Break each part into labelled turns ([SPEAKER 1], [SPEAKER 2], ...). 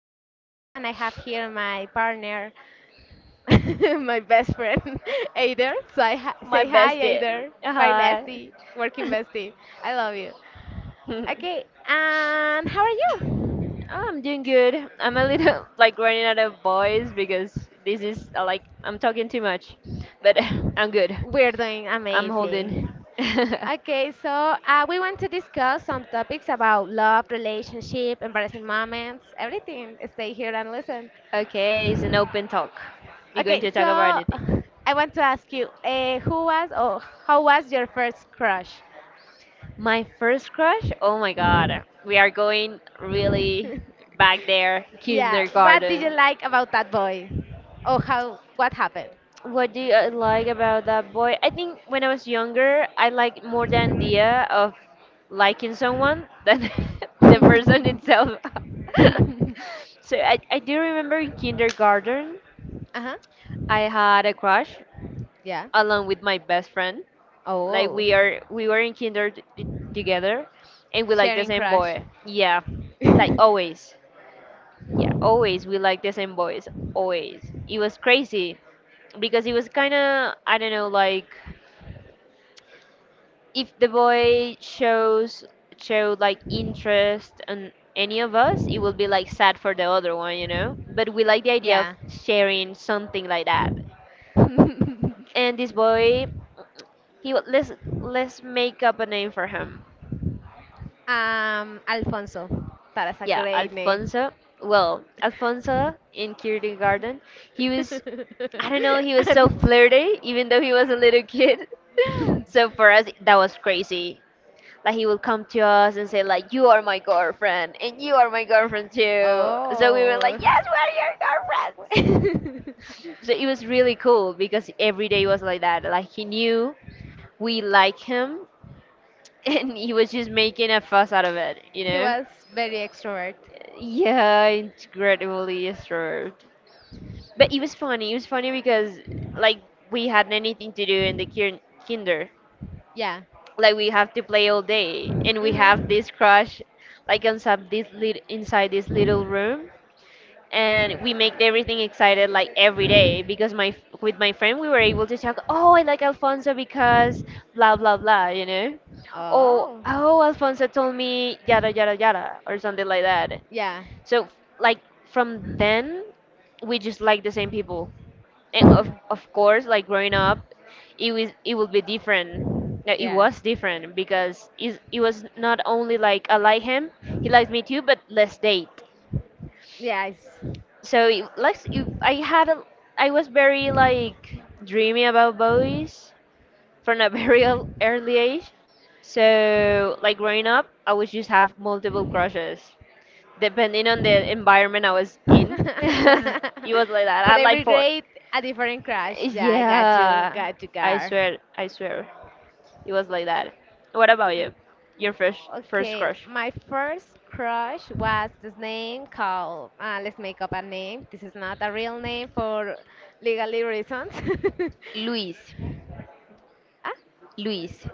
[SPEAKER 1] I'm Darcy and I have here my partner, my best friend, Aider. So
[SPEAKER 2] My
[SPEAKER 1] say
[SPEAKER 2] best
[SPEAKER 1] hi,
[SPEAKER 2] day.
[SPEAKER 1] Aider. My
[SPEAKER 2] Hi.
[SPEAKER 1] bestie, working bestie. I love you. Okay, and how are you?
[SPEAKER 2] I'm doing good. I'm a little like running out of voice because this is like I'm talking too much, but I'm good.
[SPEAKER 1] We're doing
[SPEAKER 2] I'm holding.
[SPEAKER 1] amazing. Okay, so we want to discuss some topics about love, relationship, embarrassing moments, everything. Stay here and listen.
[SPEAKER 2] Okay, it's an open talk. You're going
[SPEAKER 1] Okay,
[SPEAKER 2] to
[SPEAKER 1] so
[SPEAKER 2] talk about anything.
[SPEAKER 1] I want to ask you, who was or how was your first crush?
[SPEAKER 2] My first crush? Oh my god. We are going really back there,
[SPEAKER 1] Yeah, what did you
[SPEAKER 2] kindergarten.
[SPEAKER 1] like about that boy? Or how what happened?
[SPEAKER 2] What do you like about that boy? I think when I was younger, I liked more the idea of liking someone than the person itself.
[SPEAKER 1] Uh-huh.
[SPEAKER 2] So I do remember in kindergarten, I had a crush
[SPEAKER 1] Yeah.
[SPEAKER 2] along with my best friend. Like
[SPEAKER 1] Oh,
[SPEAKER 2] we were in kinder together, and we like the
[SPEAKER 1] sharing
[SPEAKER 2] same
[SPEAKER 1] crush.
[SPEAKER 2] boy. Yeah, like always. Yeah, always we like the same boys. Always. It was crazy because it was kind of I don't know like if the boy shows showed like interest on any of us, it will be like sad for the other one. But we like the idea of
[SPEAKER 1] Yeah.
[SPEAKER 2] sharing something like that.
[SPEAKER 1] um,
[SPEAKER 2] And this boy, he wa- let's let's make up a name for him.
[SPEAKER 1] Alfonso. That is a
[SPEAKER 2] Yeah,
[SPEAKER 1] great name.
[SPEAKER 2] Alfonso. Well, Alfonso in kindergarten, he was I don't know, he was so
[SPEAKER 1] and
[SPEAKER 2] flirty even though he was a little kid. So for us that was crazy. Like he would come to us and say like, "You are my girlfriend, and you are my girlfriend too." So we were
[SPEAKER 1] oh,
[SPEAKER 2] like, "Yes, we are your girlfriends." So it was really cool because every day was like that. Like he knew we like him, and he was just making a fuss out of it, you
[SPEAKER 1] he
[SPEAKER 2] know?
[SPEAKER 1] was very extrovert.
[SPEAKER 2] Yeah, incredibly disturbed. But it was funny. It was funny because like we had nothing to do in the kinder.
[SPEAKER 1] Yeah.
[SPEAKER 2] Like we have to play all day and we have
[SPEAKER 1] Hmm.
[SPEAKER 2] this crush like inside this little room, and we make everything excited like every day because my with my friend we were able to talk, oh, I like Alfonso because blah blah blah. oh
[SPEAKER 1] Oh,
[SPEAKER 2] oh Alfonso told me yada yada yada, or something like that.
[SPEAKER 1] yeah,
[SPEAKER 2] So like from then we just like the same people, and of of course, like growing up, it would be different. Like, it
[SPEAKER 1] yeah,
[SPEAKER 2] was different because is it was not only like I like him, he likes me too, but let's date.
[SPEAKER 1] yes.
[SPEAKER 2] So it, like it, I had a, I was very like dreamy about boys from a very early age, so like growing up I would just have multiple crushes depending on the environment I was in. It was like that, I
[SPEAKER 1] For
[SPEAKER 2] had like
[SPEAKER 1] every
[SPEAKER 2] four.
[SPEAKER 1] grade, a different crush. Yeah, I
[SPEAKER 2] Yeah,
[SPEAKER 1] got you, girl.
[SPEAKER 2] I swear, it was like that. What about you? Your first
[SPEAKER 1] Okay,
[SPEAKER 2] crush?
[SPEAKER 1] my first crush was this name called, let's make up a name. This is not a real name for legally reasons.
[SPEAKER 2] Luis.
[SPEAKER 1] Ah,
[SPEAKER 2] Luis.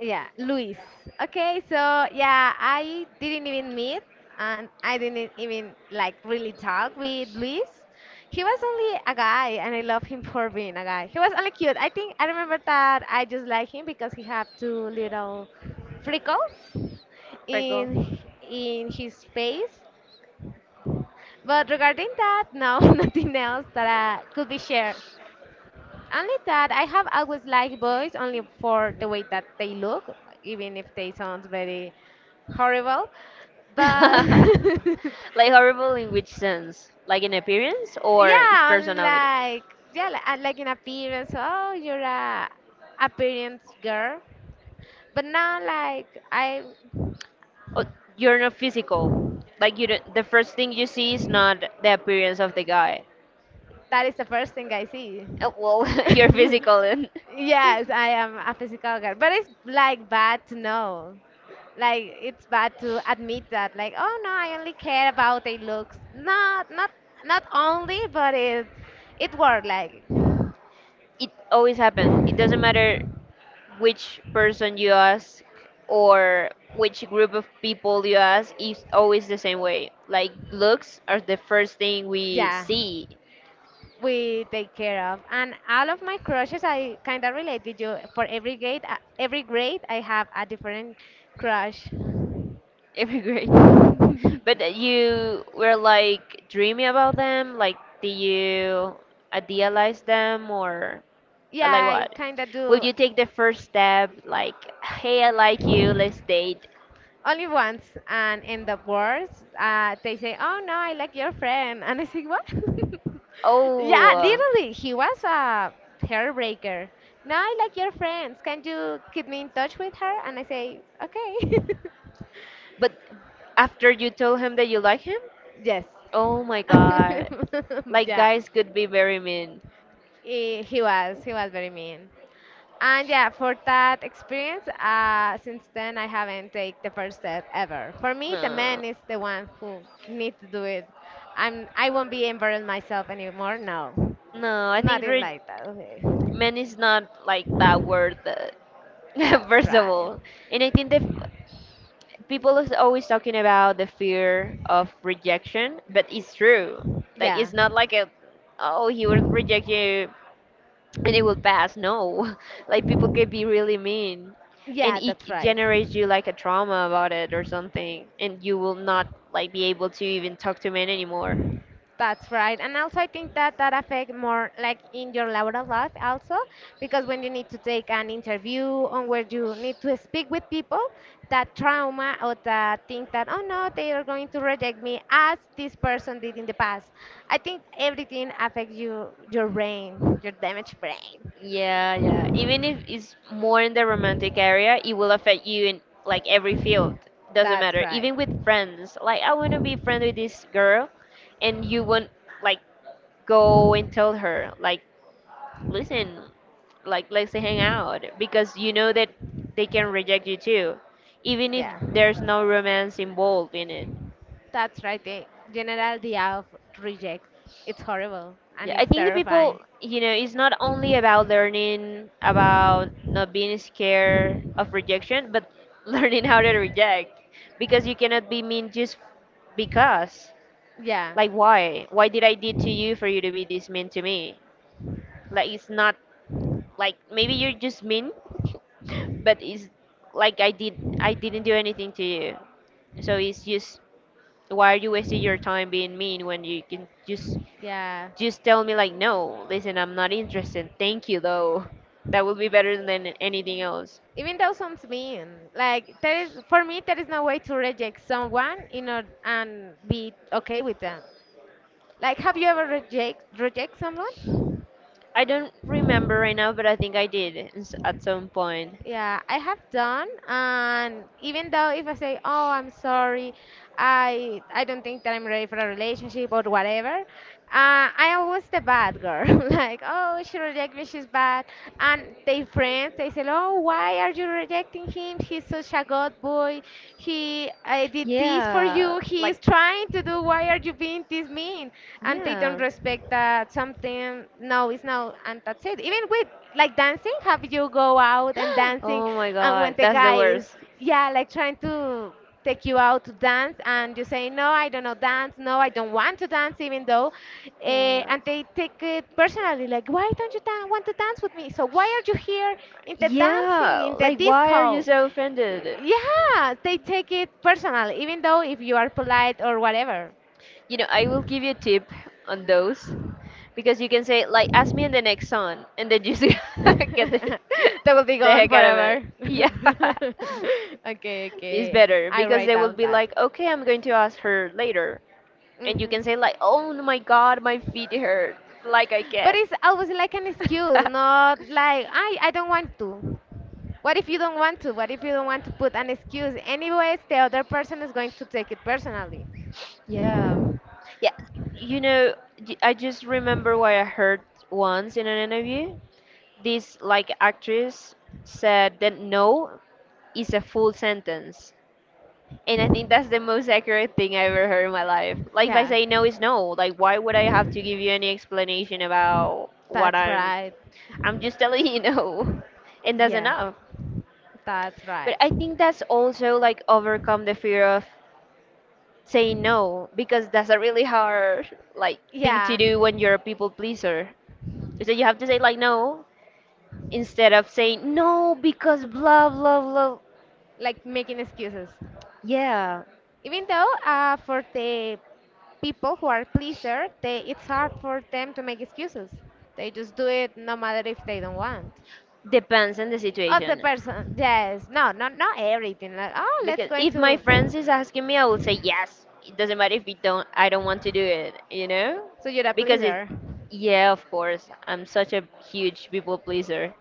[SPEAKER 1] yeah, Luis. Okay, so yeah, I didn't even meet and I didn't even like really talk with Luis. He was only a guy and I love him for being a guy. He was only cute. I think I remember that I just like him because he had two little freckles
[SPEAKER 2] Freckle.
[SPEAKER 1] in his face. But regarding that, no, nothing else that could be shared. Only that I have always liked boys only for the way that they look, even if they sound very horrible. But
[SPEAKER 2] Like horrible in which sense? Like in appearance or its
[SPEAKER 1] yeah, only
[SPEAKER 2] personality?
[SPEAKER 1] like yeah, like in appearance. Oh, you're a appearance girl. But now, like I—
[SPEAKER 2] Oh, you're not physical. Like you don't, the first thing you see is not the appearance of the guy.
[SPEAKER 1] that is the first thing I see.
[SPEAKER 2] Well, you're physical, and
[SPEAKER 1] Yes, I am a physical girl, but it's like bad to know. Like it's bad to admit that. Like, oh no, I only care about their looks. Not only, but it worked. Like,
[SPEAKER 2] it always happens. It doesn't matter which person you ask or which group of people you ask, is always the same way. Like looks are the first thing we
[SPEAKER 1] yeah,
[SPEAKER 2] see
[SPEAKER 1] we take care of. And all of my crushes, I kind of relate with you. For every grade, I have a different crush.
[SPEAKER 2] every grade. But you were like dreaming about them, like did you idealize them, or
[SPEAKER 1] Yeah,
[SPEAKER 2] like
[SPEAKER 1] I
[SPEAKER 2] what?
[SPEAKER 1] kind of
[SPEAKER 2] Will
[SPEAKER 1] do
[SPEAKER 2] you take the first step like, hey, I like you, let's date?
[SPEAKER 1] only once, and in the words they say, oh no, I like your friend, and I say what. Yeah,
[SPEAKER 2] Oh,
[SPEAKER 1] literally he was a hairbreaker. No, I like your friends, can you keep me in touch with her, and I say okay.
[SPEAKER 2] but after you told him that you like him?
[SPEAKER 1] Yes.
[SPEAKER 2] Oh my god. Like
[SPEAKER 1] Yeah,
[SPEAKER 2] guys could be very mean.
[SPEAKER 1] he was very mean. And yeah, for that experience, since then I haven't taken the first step ever. For me, the man
[SPEAKER 2] No.
[SPEAKER 1] is the one who needs to do it. I won't be embarrassed myself anymore. No,
[SPEAKER 2] No, I think
[SPEAKER 1] nothing like that. Okay,
[SPEAKER 2] men is not like that word that
[SPEAKER 1] that's
[SPEAKER 2] first of
[SPEAKER 1] right.
[SPEAKER 2] all. And I think people is always talking about the fear of rejection, but it's true. Like
[SPEAKER 1] Yeah,
[SPEAKER 2] it's not like a, oh, he will reject you and it will pass. No. Like people can be really mean, and
[SPEAKER 1] yeah,
[SPEAKER 2] it
[SPEAKER 1] that's right.
[SPEAKER 2] generates you like a trauma about it or something, and you will not like be able to even talk to men anymore.
[SPEAKER 1] That's right. And also I think that that affect more like in your laboral life also, because when you need to take an interview or where you need to speak with people, that trauma or that thing that oh no, they are going to reject me as this person did in the past. I think everything affects you, your brain, your damaged brain.
[SPEAKER 2] Yeah, yeah. Even if it's more in the romantic area, it will affect you in like every field. Doesn't
[SPEAKER 1] That's
[SPEAKER 2] matter.
[SPEAKER 1] right.
[SPEAKER 2] Even with friends. Like I want to be friend with this girl, and you won't like go and tell her like, listen, like let's hang out, because you know that they can reject you too. Even if
[SPEAKER 1] Yeah.
[SPEAKER 2] there's no romance involved in it.
[SPEAKER 1] That's right. The general idea of reject. It's horrible and
[SPEAKER 2] Yeah, I
[SPEAKER 1] it's
[SPEAKER 2] think the
[SPEAKER 1] terrifying.
[SPEAKER 2] people, it's not only about learning about not being scared of rejection, but learning how to reject, because you cannot be mean just because.
[SPEAKER 1] Yeah.
[SPEAKER 2] Like why? Why did I did to you for you to be this mean to me? Like it's not like maybe you're just mean, but it's like I didn't do anything to you. So it's just, why are you wasting your time being mean when you can just
[SPEAKER 1] Yeah.
[SPEAKER 2] just tell me like, no, listen, I'm not interested, thank you though. That would be better than anything else.
[SPEAKER 1] Even though sounds mean, like there is, for me there is no way to reject someone in order and be okay with them. Like, have you ever reject someone?
[SPEAKER 2] I don't remember right now, but I think I did at some point.
[SPEAKER 1] Yeah, I have done, and even though if I say, "Oh, I'm sorry, I don't think that I'm ready for a relationship or whatever," I always the bad girl. Like, "Oh, she rejected me, she's bad," and they friends they say, "Oh, why are you rejecting him? He's such a good boy. He I did this for
[SPEAKER 2] Yeah,
[SPEAKER 1] you. He is
[SPEAKER 2] like
[SPEAKER 1] trying to do. Why are you being this mean?" And they
[SPEAKER 2] yeah.
[SPEAKER 1] don't respect that something. No, it's no, and that's it. Even with like dancing? Have you go out and dancing,
[SPEAKER 2] Oh my
[SPEAKER 1] and when
[SPEAKER 2] god,
[SPEAKER 1] the
[SPEAKER 2] that's the
[SPEAKER 1] guy is
[SPEAKER 2] worst.
[SPEAKER 1] yeah, like trying to take you out to dance and you say no, I don't know dance, no, I don't want to dance, even though
[SPEAKER 2] Yeah,
[SPEAKER 1] and they take it personally like why don't you want to dance with me? So why are you here in the dancing
[SPEAKER 2] yeah,
[SPEAKER 1] in the
[SPEAKER 2] like why are you
[SPEAKER 1] disco?
[SPEAKER 2] so offended?
[SPEAKER 1] Yeah, they take it personal even though if you are polite or whatever.
[SPEAKER 2] I will give you a tip on those. Because you can say like, ask me in the next song, and then you see get the,
[SPEAKER 1] That will be
[SPEAKER 2] the
[SPEAKER 1] gone
[SPEAKER 2] heck out of it.
[SPEAKER 1] forever.
[SPEAKER 2] Yeah.
[SPEAKER 1] Okay,
[SPEAKER 2] It's
[SPEAKER 1] okay.
[SPEAKER 2] better
[SPEAKER 1] I
[SPEAKER 2] because
[SPEAKER 1] write
[SPEAKER 2] they will
[SPEAKER 1] down
[SPEAKER 2] be
[SPEAKER 1] that.
[SPEAKER 2] like, okay, I'm going to ask her later. And you
[SPEAKER 1] Hmm.
[SPEAKER 2] can say like, oh my god, my feet hurt. Like I
[SPEAKER 1] But
[SPEAKER 2] can.
[SPEAKER 1] it's always like an excuse, not like I don't want to. What if you don't want to? What if you don't want to put an excuse? Anyways, the other person is going to take it personally.
[SPEAKER 2] Yeah. Yeah. You know, I just remember what I heard once in an interview. This like actress said that no is a full sentence. And I think that's the most accurate thing I ever heard in my life. Like if I
[SPEAKER 1] Yeah.
[SPEAKER 2] say no, it's no. Like why would I have to give you any explanation about what
[SPEAKER 1] That's
[SPEAKER 2] I'm
[SPEAKER 1] right.
[SPEAKER 2] I'm just telling you no. And that's
[SPEAKER 1] Yeah.
[SPEAKER 2] enough.
[SPEAKER 1] That's
[SPEAKER 2] But
[SPEAKER 1] right.
[SPEAKER 2] I think that's also like overcome the fear of saying no, because that's a really hard like thing to
[SPEAKER 1] Yeah.
[SPEAKER 2] do when you're a people pleaser. So you have to say like no, instead of saying no because blah blah blah.
[SPEAKER 1] Like making excuses.
[SPEAKER 2] Yeah,
[SPEAKER 1] Even though for the people who are pleaser, they, it's hard for them to make excuses. They just do it no matter if they don't want.
[SPEAKER 2] depends on the
[SPEAKER 1] Other
[SPEAKER 2] situation.
[SPEAKER 1] person, yes, no, not everything. Like oh, let's
[SPEAKER 2] Because
[SPEAKER 1] go
[SPEAKER 2] if my
[SPEAKER 1] into.
[SPEAKER 2] friends is asking me, I will say yes, it doesn't matter if we don't, I don't want to do it.
[SPEAKER 1] So you're a
[SPEAKER 2] Because it
[SPEAKER 1] pleaser.
[SPEAKER 2] Yeah, of course, I'm such a huge people pleaser,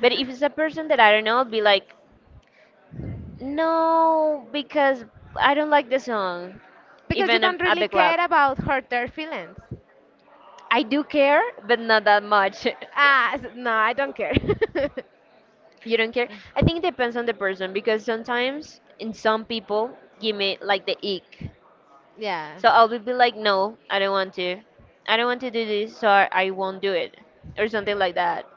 [SPEAKER 2] but if it's a person that I don't know, I'll be like, no, because I don't like the song.
[SPEAKER 1] Because you
[SPEAKER 2] Even
[SPEAKER 1] don't
[SPEAKER 2] at
[SPEAKER 1] really
[SPEAKER 2] the club
[SPEAKER 1] care about hurt their feelings.
[SPEAKER 2] I do care, but not that much.
[SPEAKER 1] Ah, no, I don't care.
[SPEAKER 2] You don't care. I think it depends on the person, because sometimes in some people give me like the ick.
[SPEAKER 1] Yeah.
[SPEAKER 2] So I will be like, no, I don't want to. I don't want to do this, so I won't do it, or something like that.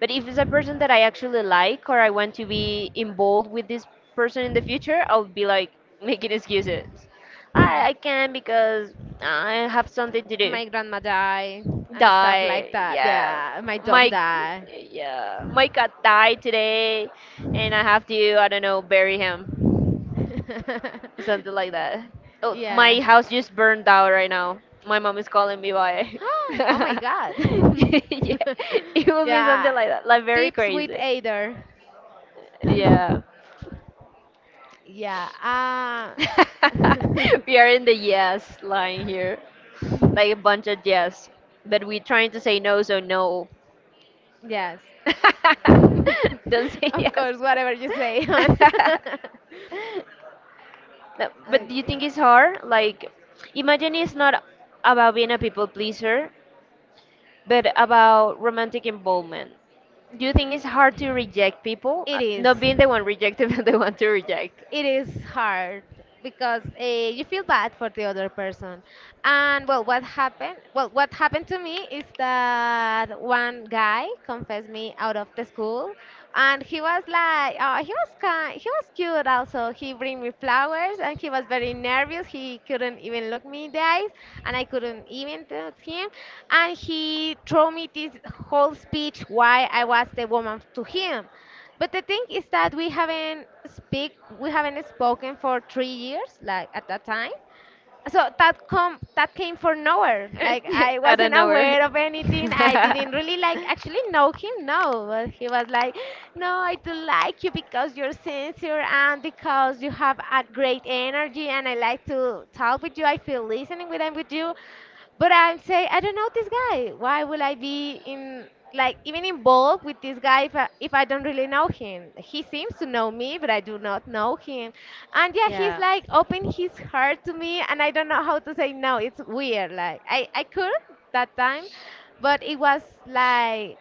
[SPEAKER 2] But if it's a person that I actually like, or I want to be involved with this person in the future, I'll be like making excuses. I can because I have something to do.
[SPEAKER 1] My grandma died and stuff like
[SPEAKER 2] Die,
[SPEAKER 1] that.
[SPEAKER 2] yeah.
[SPEAKER 1] Yeah, my dog
[SPEAKER 2] My
[SPEAKER 1] died.
[SPEAKER 2] yeah, my cat died today, and I have to, I don't know, bury him. Something like that. Oh,
[SPEAKER 1] Yeah.
[SPEAKER 2] my house just burned down right now. My mom is calling me by.
[SPEAKER 1] Oh my
[SPEAKER 2] Yeah,
[SPEAKER 1] god.
[SPEAKER 2] it will be
[SPEAKER 1] Yeah.
[SPEAKER 2] something like that, like very
[SPEAKER 1] Tips with
[SPEAKER 2] crazy.
[SPEAKER 1] Ader.
[SPEAKER 2] Yeah.
[SPEAKER 1] Yeah.
[SPEAKER 2] We are in the yes line here, like a bunch of yes, but we're trying to say no, so no.
[SPEAKER 1] Yes.
[SPEAKER 2] Don't say
[SPEAKER 1] Of
[SPEAKER 2] yes.
[SPEAKER 1] course, whatever you say, hon.
[SPEAKER 2] No,
[SPEAKER 1] Okay.
[SPEAKER 2] but do you think it's hard? Like, imagine it's not about being a people pleaser, but about romantic involvement, do you think it's hard to reject people?
[SPEAKER 1] It is.
[SPEAKER 2] Not being the one rejected, but the one to reject.
[SPEAKER 1] It is hard because you feel bad for the other person. And well what happened to me is that one guy confessed me out of the school, and he was like, oh, he was kind, he was cute, also he bring me flowers, and he was very nervous, he couldn't even look me in the eyes, and I couldn't even touch him. And he told me this whole speech why I was the woman to him. But the thing is that we haven't spoken for 3 years, like at that time. So that came from nowhere. Like I
[SPEAKER 2] I don't
[SPEAKER 1] wasn't
[SPEAKER 2] know where.
[SPEAKER 1] aware of anything. I didn't really like actually know him. No, but he was like, "No, I do like you because you're sincere and because you have a great energy, and I like to talk with you. I feel listening with I with you." But I'm saying, I don't know this guy. Why will I be in, like, even involved with this guy if I don't really know him? He seems to know me, but I do not know him. And yeah, he's
[SPEAKER 2] Yeah.
[SPEAKER 1] like open his heart to me, and I don't know how to say no. It's weird. Like, I could that time, but it was like,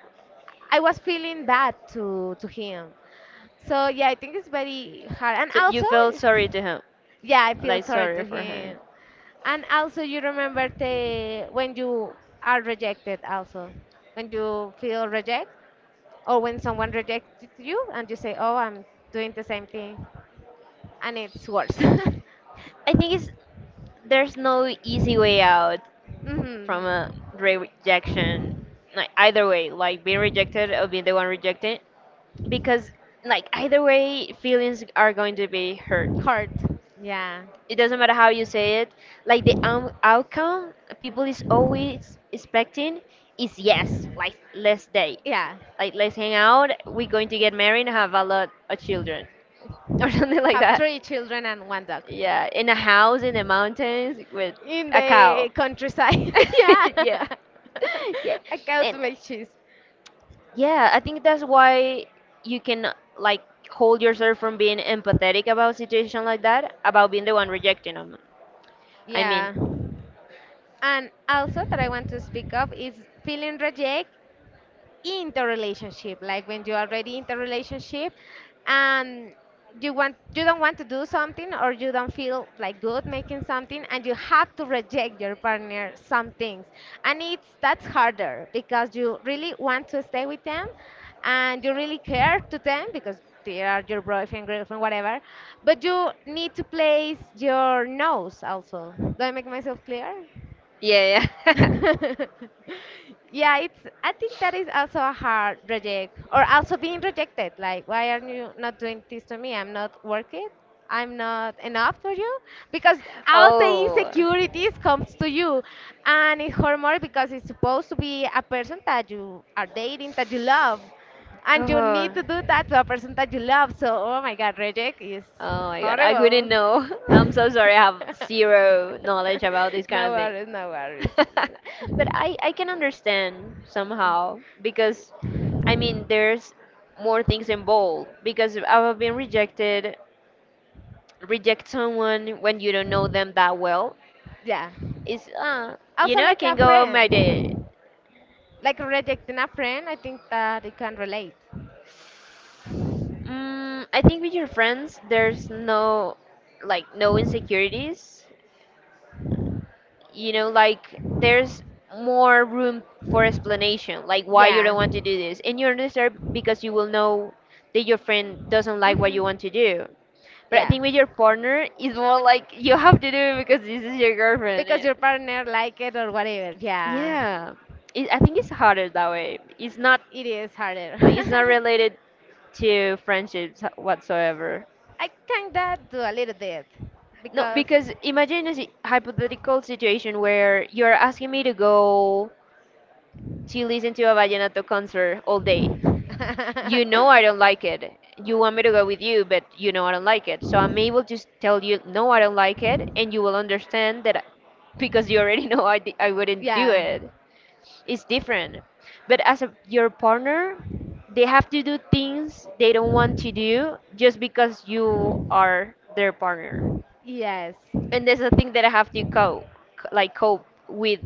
[SPEAKER 1] I was feeling bad to him. So yeah, I think it's very hard. And
[SPEAKER 2] So you
[SPEAKER 1] also,
[SPEAKER 2] felt sorry to him,
[SPEAKER 1] yeah, I feel
[SPEAKER 2] like
[SPEAKER 1] sorry
[SPEAKER 2] sorry
[SPEAKER 1] to
[SPEAKER 2] for him.
[SPEAKER 1] him. And also you remember the when you are rejected also. When you feel reject or when someone rejects you and you say, "Oh, I'm doing the same thing." And it's worse.
[SPEAKER 2] I think it's there's no easy way out. From a
[SPEAKER 1] Mm-hmm.
[SPEAKER 2] rejection, like either way, like being rejected or being the one rejected, because like either way feelings are going to be hurt,
[SPEAKER 1] Hurt. Yeah.
[SPEAKER 2] it doesn't matter how you say it. Like the outcome people is always expecting is yes, like let's date,
[SPEAKER 1] Yeah.
[SPEAKER 2] like let's hang out, we're going to get married and have a lot of children, or something like
[SPEAKER 1] Have
[SPEAKER 2] that.
[SPEAKER 1] three children and one dog.
[SPEAKER 2] Yeah, in a house in the mountains with
[SPEAKER 1] In
[SPEAKER 2] a cow.
[SPEAKER 1] the countryside. Yeah.
[SPEAKER 2] Yeah. Yeah.
[SPEAKER 1] A cow
[SPEAKER 2] And
[SPEAKER 1] to make cheese.
[SPEAKER 2] yeah, I think that's why you can like hold yourself from being empathetic about situation like that, about being the one rejecting them. I mean,
[SPEAKER 1] Yeah. And also that I want to speak of is feeling reject interrelationship, like when you are already in the relationship and you want, you don't want to do something or you don't feel like good making something, and you have to reject your partner some things, and it's, that's harder because you really want to stay with them and you really care to them because they are your boyfriend girlfriend whatever, but you need to place your nose also. Do I make myself clear?
[SPEAKER 2] yeah, yeah.
[SPEAKER 1] Yeah, it's. I think that is also a hard reject, or also being rejected. Like, why are you not doing this to me? I'm not worth it. I'm not enough for you, because all the
[SPEAKER 2] Oh,
[SPEAKER 1] insecurities comes to you, and it's horrible because it's supposed to be a person that you are dating, that you love, and you
[SPEAKER 2] oh,
[SPEAKER 1] need to do that to a person that you love. So, oh my God, reject is
[SPEAKER 2] oh my God, I couldn't
[SPEAKER 1] horrible.
[SPEAKER 2] know. I'm so sorry. I have zero knowledge about this kind
[SPEAKER 1] No
[SPEAKER 2] of thing,
[SPEAKER 1] worries, no worries.
[SPEAKER 2] but I can understand somehow because, I mean, there's more things involved because I've been rejected reject someone when you don't know them that well.
[SPEAKER 1] Yeah.
[SPEAKER 2] It's uh,
[SPEAKER 1] Also,
[SPEAKER 2] I
[SPEAKER 1] like
[SPEAKER 2] can
[SPEAKER 1] a
[SPEAKER 2] go out my day.
[SPEAKER 1] friend, like rejecting a friend, I think that it can relate.
[SPEAKER 2] Mm, I think with your friends, there's no, like, no insecurities. You know, like, there's more room for explanation, like why you don't
[SPEAKER 1] Yeah.
[SPEAKER 2] want to do this. And you understand because you will know that your friend doesn't like what you
[SPEAKER 1] Hmm.
[SPEAKER 2] want to do. But I
[SPEAKER 1] Yeah.
[SPEAKER 2] think with your partner, it's more like you have to do it because this is your girlfriend.
[SPEAKER 1] Because your partner like it or whatever. Yeah.
[SPEAKER 2] Yeah, I think it's harder that way. It's not
[SPEAKER 1] It is harder.
[SPEAKER 2] like it's not related to friendships whatsoever.
[SPEAKER 1] I kind of do a little bit
[SPEAKER 2] No,
[SPEAKER 1] because.
[SPEAKER 2] because imagine a hypothetical situation where you're asking me to go to listen to a vallenato concert all day. You know I don't like it. You want me to go with you, but you know I don't like it. So I'm able to tell you, no, I don't like it, and you will understand that because you already know I wouldn't do
[SPEAKER 1] Yeah.
[SPEAKER 2] it. It's different. But as your partner, they have to do things they don't want to do just because you are their partner.
[SPEAKER 1] Yes.
[SPEAKER 2] And there's a thing that I have to cope, like cope with,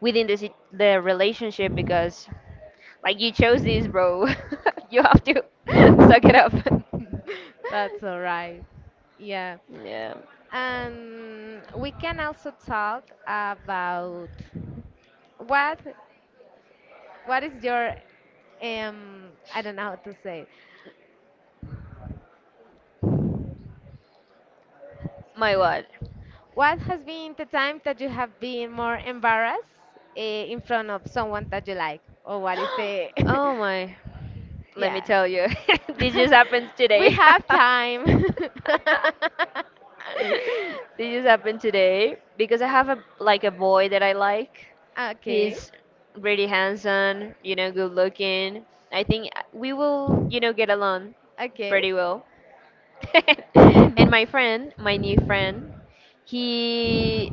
[SPEAKER 2] within the the relationship because like you chose this, bro. You have to suck it up.
[SPEAKER 1] That's all right. Yeah.
[SPEAKER 2] Yeah.
[SPEAKER 1] And we can also talk about what what is your I don't know how to say it.
[SPEAKER 2] My what?
[SPEAKER 1] What has been the time that you have been more embarrassed in front of someone that you like, or what is the
[SPEAKER 2] Oh my. Let me
[SPEAKER 1] yeah?
[SPEAKER 2] tell you, this just happens
[SPEAKER 1] We
[SPEAKER 2] today.
[SPEAKER 1] have time.
[SPEAKER 2] This just happened today because I have a like a boy that I like.
[SPEAKER 1] Okay,
[SPEAKER 2] He's really handsome, you know, good looking. I think we will, you know, get along
[SPEAKER 1] okay.
[SPEAKER 2] pretty well. And my friend, my new friend, he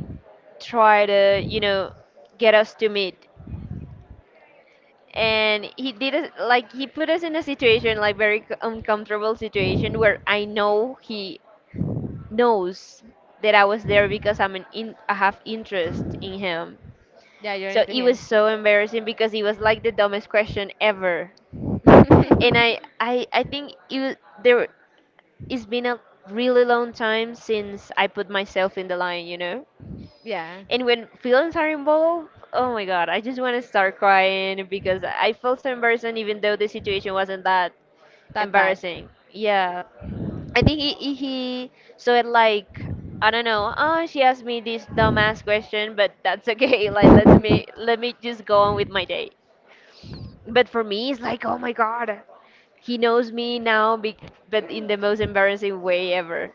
[SPEAKER 2] tried to, you know, get us to meet. And he did us like he put us in a situation like very uncomfortable situation where I know he knows that I was there because I have interest in him.
[SPEAKER 1] Yeah, you're
[SPEAKER 2] So
[SPEAKER 1] into
[SPEAKER 2] it
[SPEAKER 1] him.
[SPEAKER 2] was so embarrassing because it was like the dumbest question ever. And I think it was, there it's been a really long time since I put myself in the line, you know.
[SPEAKER 1] Yeah,
[SPEAKER 2] And when feelings are involved, oh my god, I just want to start crying because I felt so embarrassed even though the situation wasn't that
[SPEAKER 1] that bad.
[SPEAKER 2] embarrassing. Yeah, I think he saw it like I don't know. Oh, she asked me this dumbass question, but that's okay. Like let me just go on with my day. But for me, it's like oh my god, he knows me now, but in the most embarrassing way ever.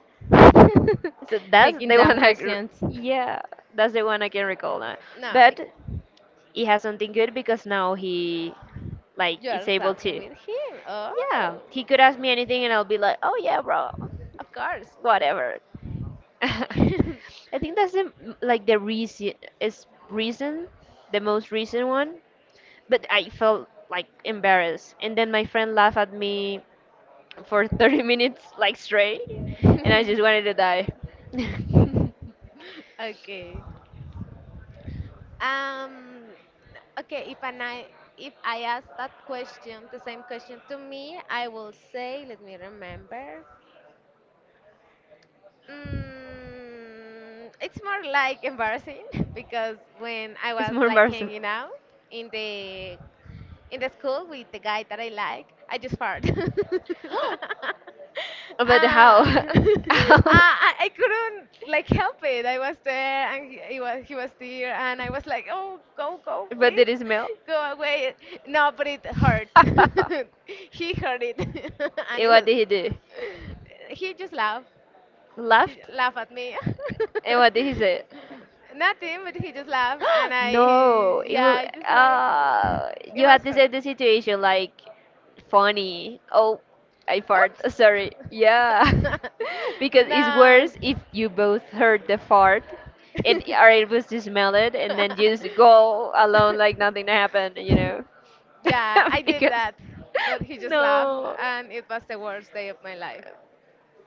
[SPEAKER 2] So that's
[SPEAKER 1] Making
[SPEAKER 2] the one
[SPEAKER 1] dumb questions.
[SPEAKER 2] yeah, that's the one I can recall now.
[SPEAKER 1] No, Mick,
[SPEAKER 2] But it has something good because now he like
[SPEAKER 1] you
[SPEAKER 2] is
[SPEAKER 1] are
[SPEAKER 2] able
[SPEAKER 1] talking
[SPEAKER 2] to.
[SPEAKER 1] with him.
[SPEAKER 2] Yeah,
[SPEAKER 1] Oh,
[SPEAKER 2] he could ask me anything and I'll be like, oh yeah, bro,
[SPEAKER 1] of course.
[SPEAKER 2] whatever. I think that's like the reason, the most recent one. But I felt like embarrassed, and then my friend laughed at me for 30 minutes like straight, and I just wanted to die.
[SPEAKER 1] Okay. Um, okay, if I ask that question, the same question to me, I will say, let me remember. Mm, it's more like embarrassing because when I
[SPEAKER 2] It's
[SPEAKER 1] was
[SPEAKER 2] more
[SPEAKER 1] like
[SPEAKER 2] embarrassing.
[SPEAKER 1] hanging out in the in the school with the guy that I like, I just fart.
[SPEAKER 2] But how?
[SPEAKER 1] Ah,
[SPEAKER 2] How?
[SPEAKER 1] ah, I couldn't like help it. I was there, and he was there, and I was like, "Oh, go, go,
[SPEAKER 2] But
[SPEAKER 1] please,
[SPEAKER 2] there is milk.
[SPEAKER 1] go away." No, but it hurt.
[SPEAKER 2] And
[SPEAKER 1] He heard it, and it
[SPEAKER 2] what
[SPEAKER 1] was.
[SPEAKER 2] did he do?
[SPEAKER 1] He just laughed, he
[SPEAKER 2] Laughed?
[SPEAKER 1] laughed at me.
[SPEAKER 2] And what did he say?
[SPEAKER 1] Nothing, but he just laughed, and I,
[SPEAKER 2] No, it
[SPEAKER 1] yeah,
[SPEAKER 2] will.
[SPEAKER 1] I just like, it
[SPEAKER 2] You
[SPEAKER 1] was
[SPEAKER 2] had to
[SPEAKER 1] her.
[SPEAKER 2] say the situation like funny. Oh, I fart.
[SPEAKER 1] Oops.
[SPEAKER 2] Sorry. Yeah, because it's
[SPEAKER 1] No.
[SPEAKER 2] worse if you both heard the fart and are able to smell it, and then you just go alone like nothing happened. You know.
[SPEAKER 1] Yeah, I did
[SPEAKER 2] Because
[SPEAKER 1] that, but he just laughed,
[SPEAKER 2] no.
[SPEAKER 1] and it was the worst day of my life.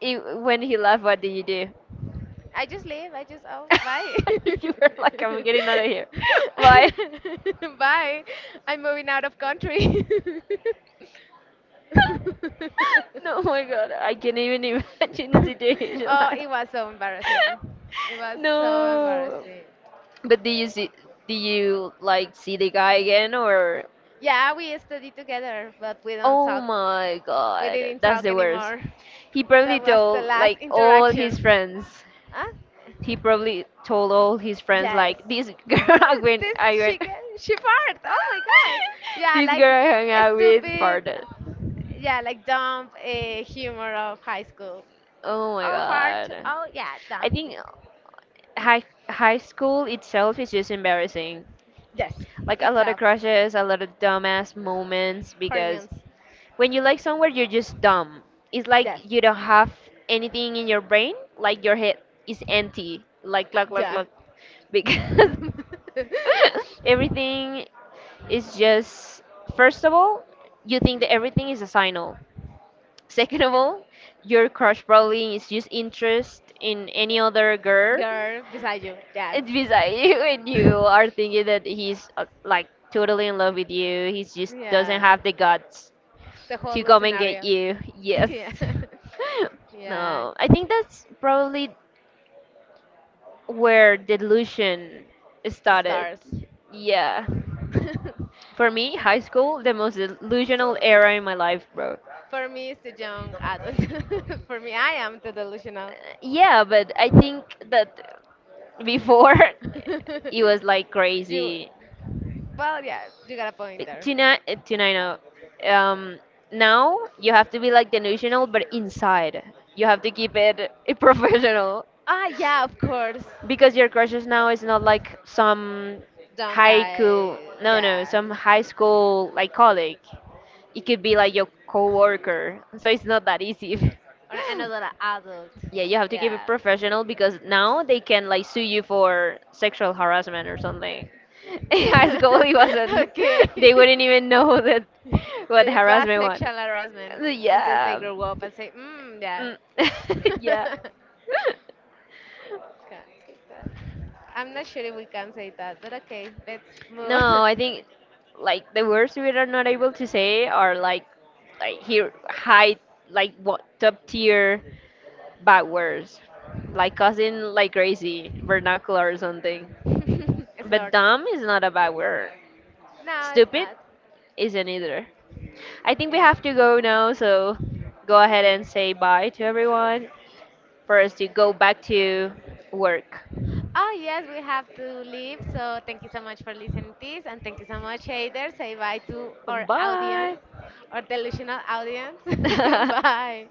[SPEAKER 2] You, when he left, what did you do?
[SPEAKER 1] I just leave. I just oh bye.
[SPEAKER 2] You were like, I'm getting out of here. Bye.
[SPEAKER 1] Bye. I'm moving out of country.
[SPEAKER 2] No, my God, I can't even imagine the situation
[SPEAKER 1] Oh,
[SPEAKER 2] like that.
[SPEAKER 1] it was so embarrassing. It was so
[SPEAKER 2] No.
[SPEAKER 1] embarrassing.
[SPEAKER 2] But do you see? Do you like see the guy again or?
[SPEAKER 1] Yeah, we studied together, but we don't
[SPEAKER 2] Oh
[SPEAKER 1] talk.
[SPEAKER 2] my
[SPEAKER 1] We
[SPEAKER 2] God,
[SPEAKER 1] didn't
[SPEAKER 2] that's
[SPEAKER 1] talk
[SPEAKER 2] the worst.
[SPEAKER 1] anymore.
[SPEAKER 2] He probably
[SPEAKER 1] That was the
[SPEAKER 2] told
[SPEAKER 1] last
[SPEAKER 2] like all his
[SPEAKER 1] interaction.
[SPEAKER 2] friends.
[SPEAKER 1] Huh?
[SPEAKER 2] He probably told all his friends
[SPEAKER 1] Yes.
[SPEAKER 2] like this girl
[SPEAKER 1] Ah, this
[SPEAKER 2] I went
[SPEAKER 1] chicken, she farted. Oh my god. Yeah,
[SPEAKER 2] this girl
[SPEAKER 1] like
[SPEAKER 2] I hung out with
[SPEAKER 1] stupid.
[SPEAKER 2] farted.
[SPEAKER 1] Yeah, like dumb humor of high school.
[SPEAKER 2] Oh my
[SPEAKER 1] Oh, fart.
[SPEAKER 2] god.
[SPEAKER 1] Oh, yeah,
[SPEAKER 2] I
[SPEAKER 1] dumb
[SPEAKER 2] think
[SPEAKER 1] thing.
[SPEAKER 2] high high school itself is just embarrassing.
[SPEAKER 1] Yes,
[SPEAKER 2] Like a
[SPEAKER 1] it's
[SPEAKER 2] lot of
[SPEAKER 1] up.
[SPEAKER 2] crushes, a lot of dumbass moments because
[SPEAKER 1] Hormones.
[SPEAKER 2] when you like somewhere you're just dumb. It's like
[SPEAKER 1] Yes.
[SPEAKER 2] you don't have anything in your brain, like your head is empty. Like
[SPEAKER 1] Yeah.
[SPEAKER 2] look because everything it's just, first of all, you think that everything is a signal. Second of all, your crush probably is just interest in any other girl
[SPEAKER 1] Girl beside you. Yes.
[SPEAKER 2] and beside you, and you are thinking that he's like totally in love with you. He just doesn't
[SPEAKER 1] Yeah.
[SPEAKER 2] have the guts
[SPEAKER 1] The
[SPEAKER 2] to
[SPEAKER 1] whole
[SPEAKER 2] come and get
[SPEAKER 1] scenario.
[SPEAKER 2] you. Yes.
[SPEAKER 1] Yeah, yeah,
[SPEAKER 2] No, I think that's probably where delusion started.
[SPEAKER 1] stars.
[SPEAKER 2] Yeah. For me, high school, the most delusional era in my life, bro.
[SPEAKER 1] For me, it's a young adult. For me, I am the delusional.
[SPEAKER 2] Yeah, but I think that before it was like
[SPEAKER 1] You,
[SPEAKER 2] crazy.
[SPEAKER 1] well, yeah, you got a point
[SPEAKER 2] But
[SPEAKER 1] there.
[SPEAKER 2] tonight, tonight, no. Um, now you have to be like delusional, but inside you have to keep it professional
[SPEAKER 1] Ah, yeah, of course,
[SPEAKER 2] because your crushes now is not like some
[SPEAKER 1] dumb
[SPEAKER 2] haiku.
[SPEAKER 1] guy.
[SPEAKER 2] No, No,
[SPEAKER 1] Yeah,
[SPEAKER 2] some high school like colleague. It could be like your coworker, so it's not that easy.
[SPEAKER 1] or another adult.
[SPEAKER 2] Yeah, you have to keep it
[SPEAKER 1] Yeah.
[SPEAKER 2] professional because now they can like sue you for sexual harassment or something. In high school, it wasn't.
[SPEAKER 1] Okay.
[SPEAKER 2] They wouldn't even know that what
[SPEAKER 1] Th- It was
[SPEAKER 2] harassment was.
[SPEAKER 1] sexual harassment until they
[SPEAKER 2] Yeah.
[SPEAKER 1] grow up and say, mm, yeah.
[SPEAKER 2] Mm. Yeah.
[SPEAKER 1] Can't say that. I'm not sure if we can say that, but okay, let's move
[SPEAKER 2] No,
[SPEAKER 1] on.
[SPEAKER 2] I think like the words we are not able to say are like here high like what top tier bad words. Like cousin like crazy, vernacular or something. But
[SPEAKER 1] Slurred.
[SPEAKER 2] dumb is not a bad word.
[SPEAKER 1] No, it's
[SPEAKER 2] Stupid
[SPEAKER 1] not.
[SPEAKER 2] isn't either. I think we
[SPEAKER 1] Yeah.
[SPEAKER 2] have to go now, so go ahead and say bye to everyone for us to go back to work.
[SPEAKER 1] Oh, yes, we have to leave. So thank you so much for listening to this. And thank you so much, Hader. Say bye to our audience,
[SPEAKER 2] Bye.
[SPEAKER 1] our delusional audience. Bye.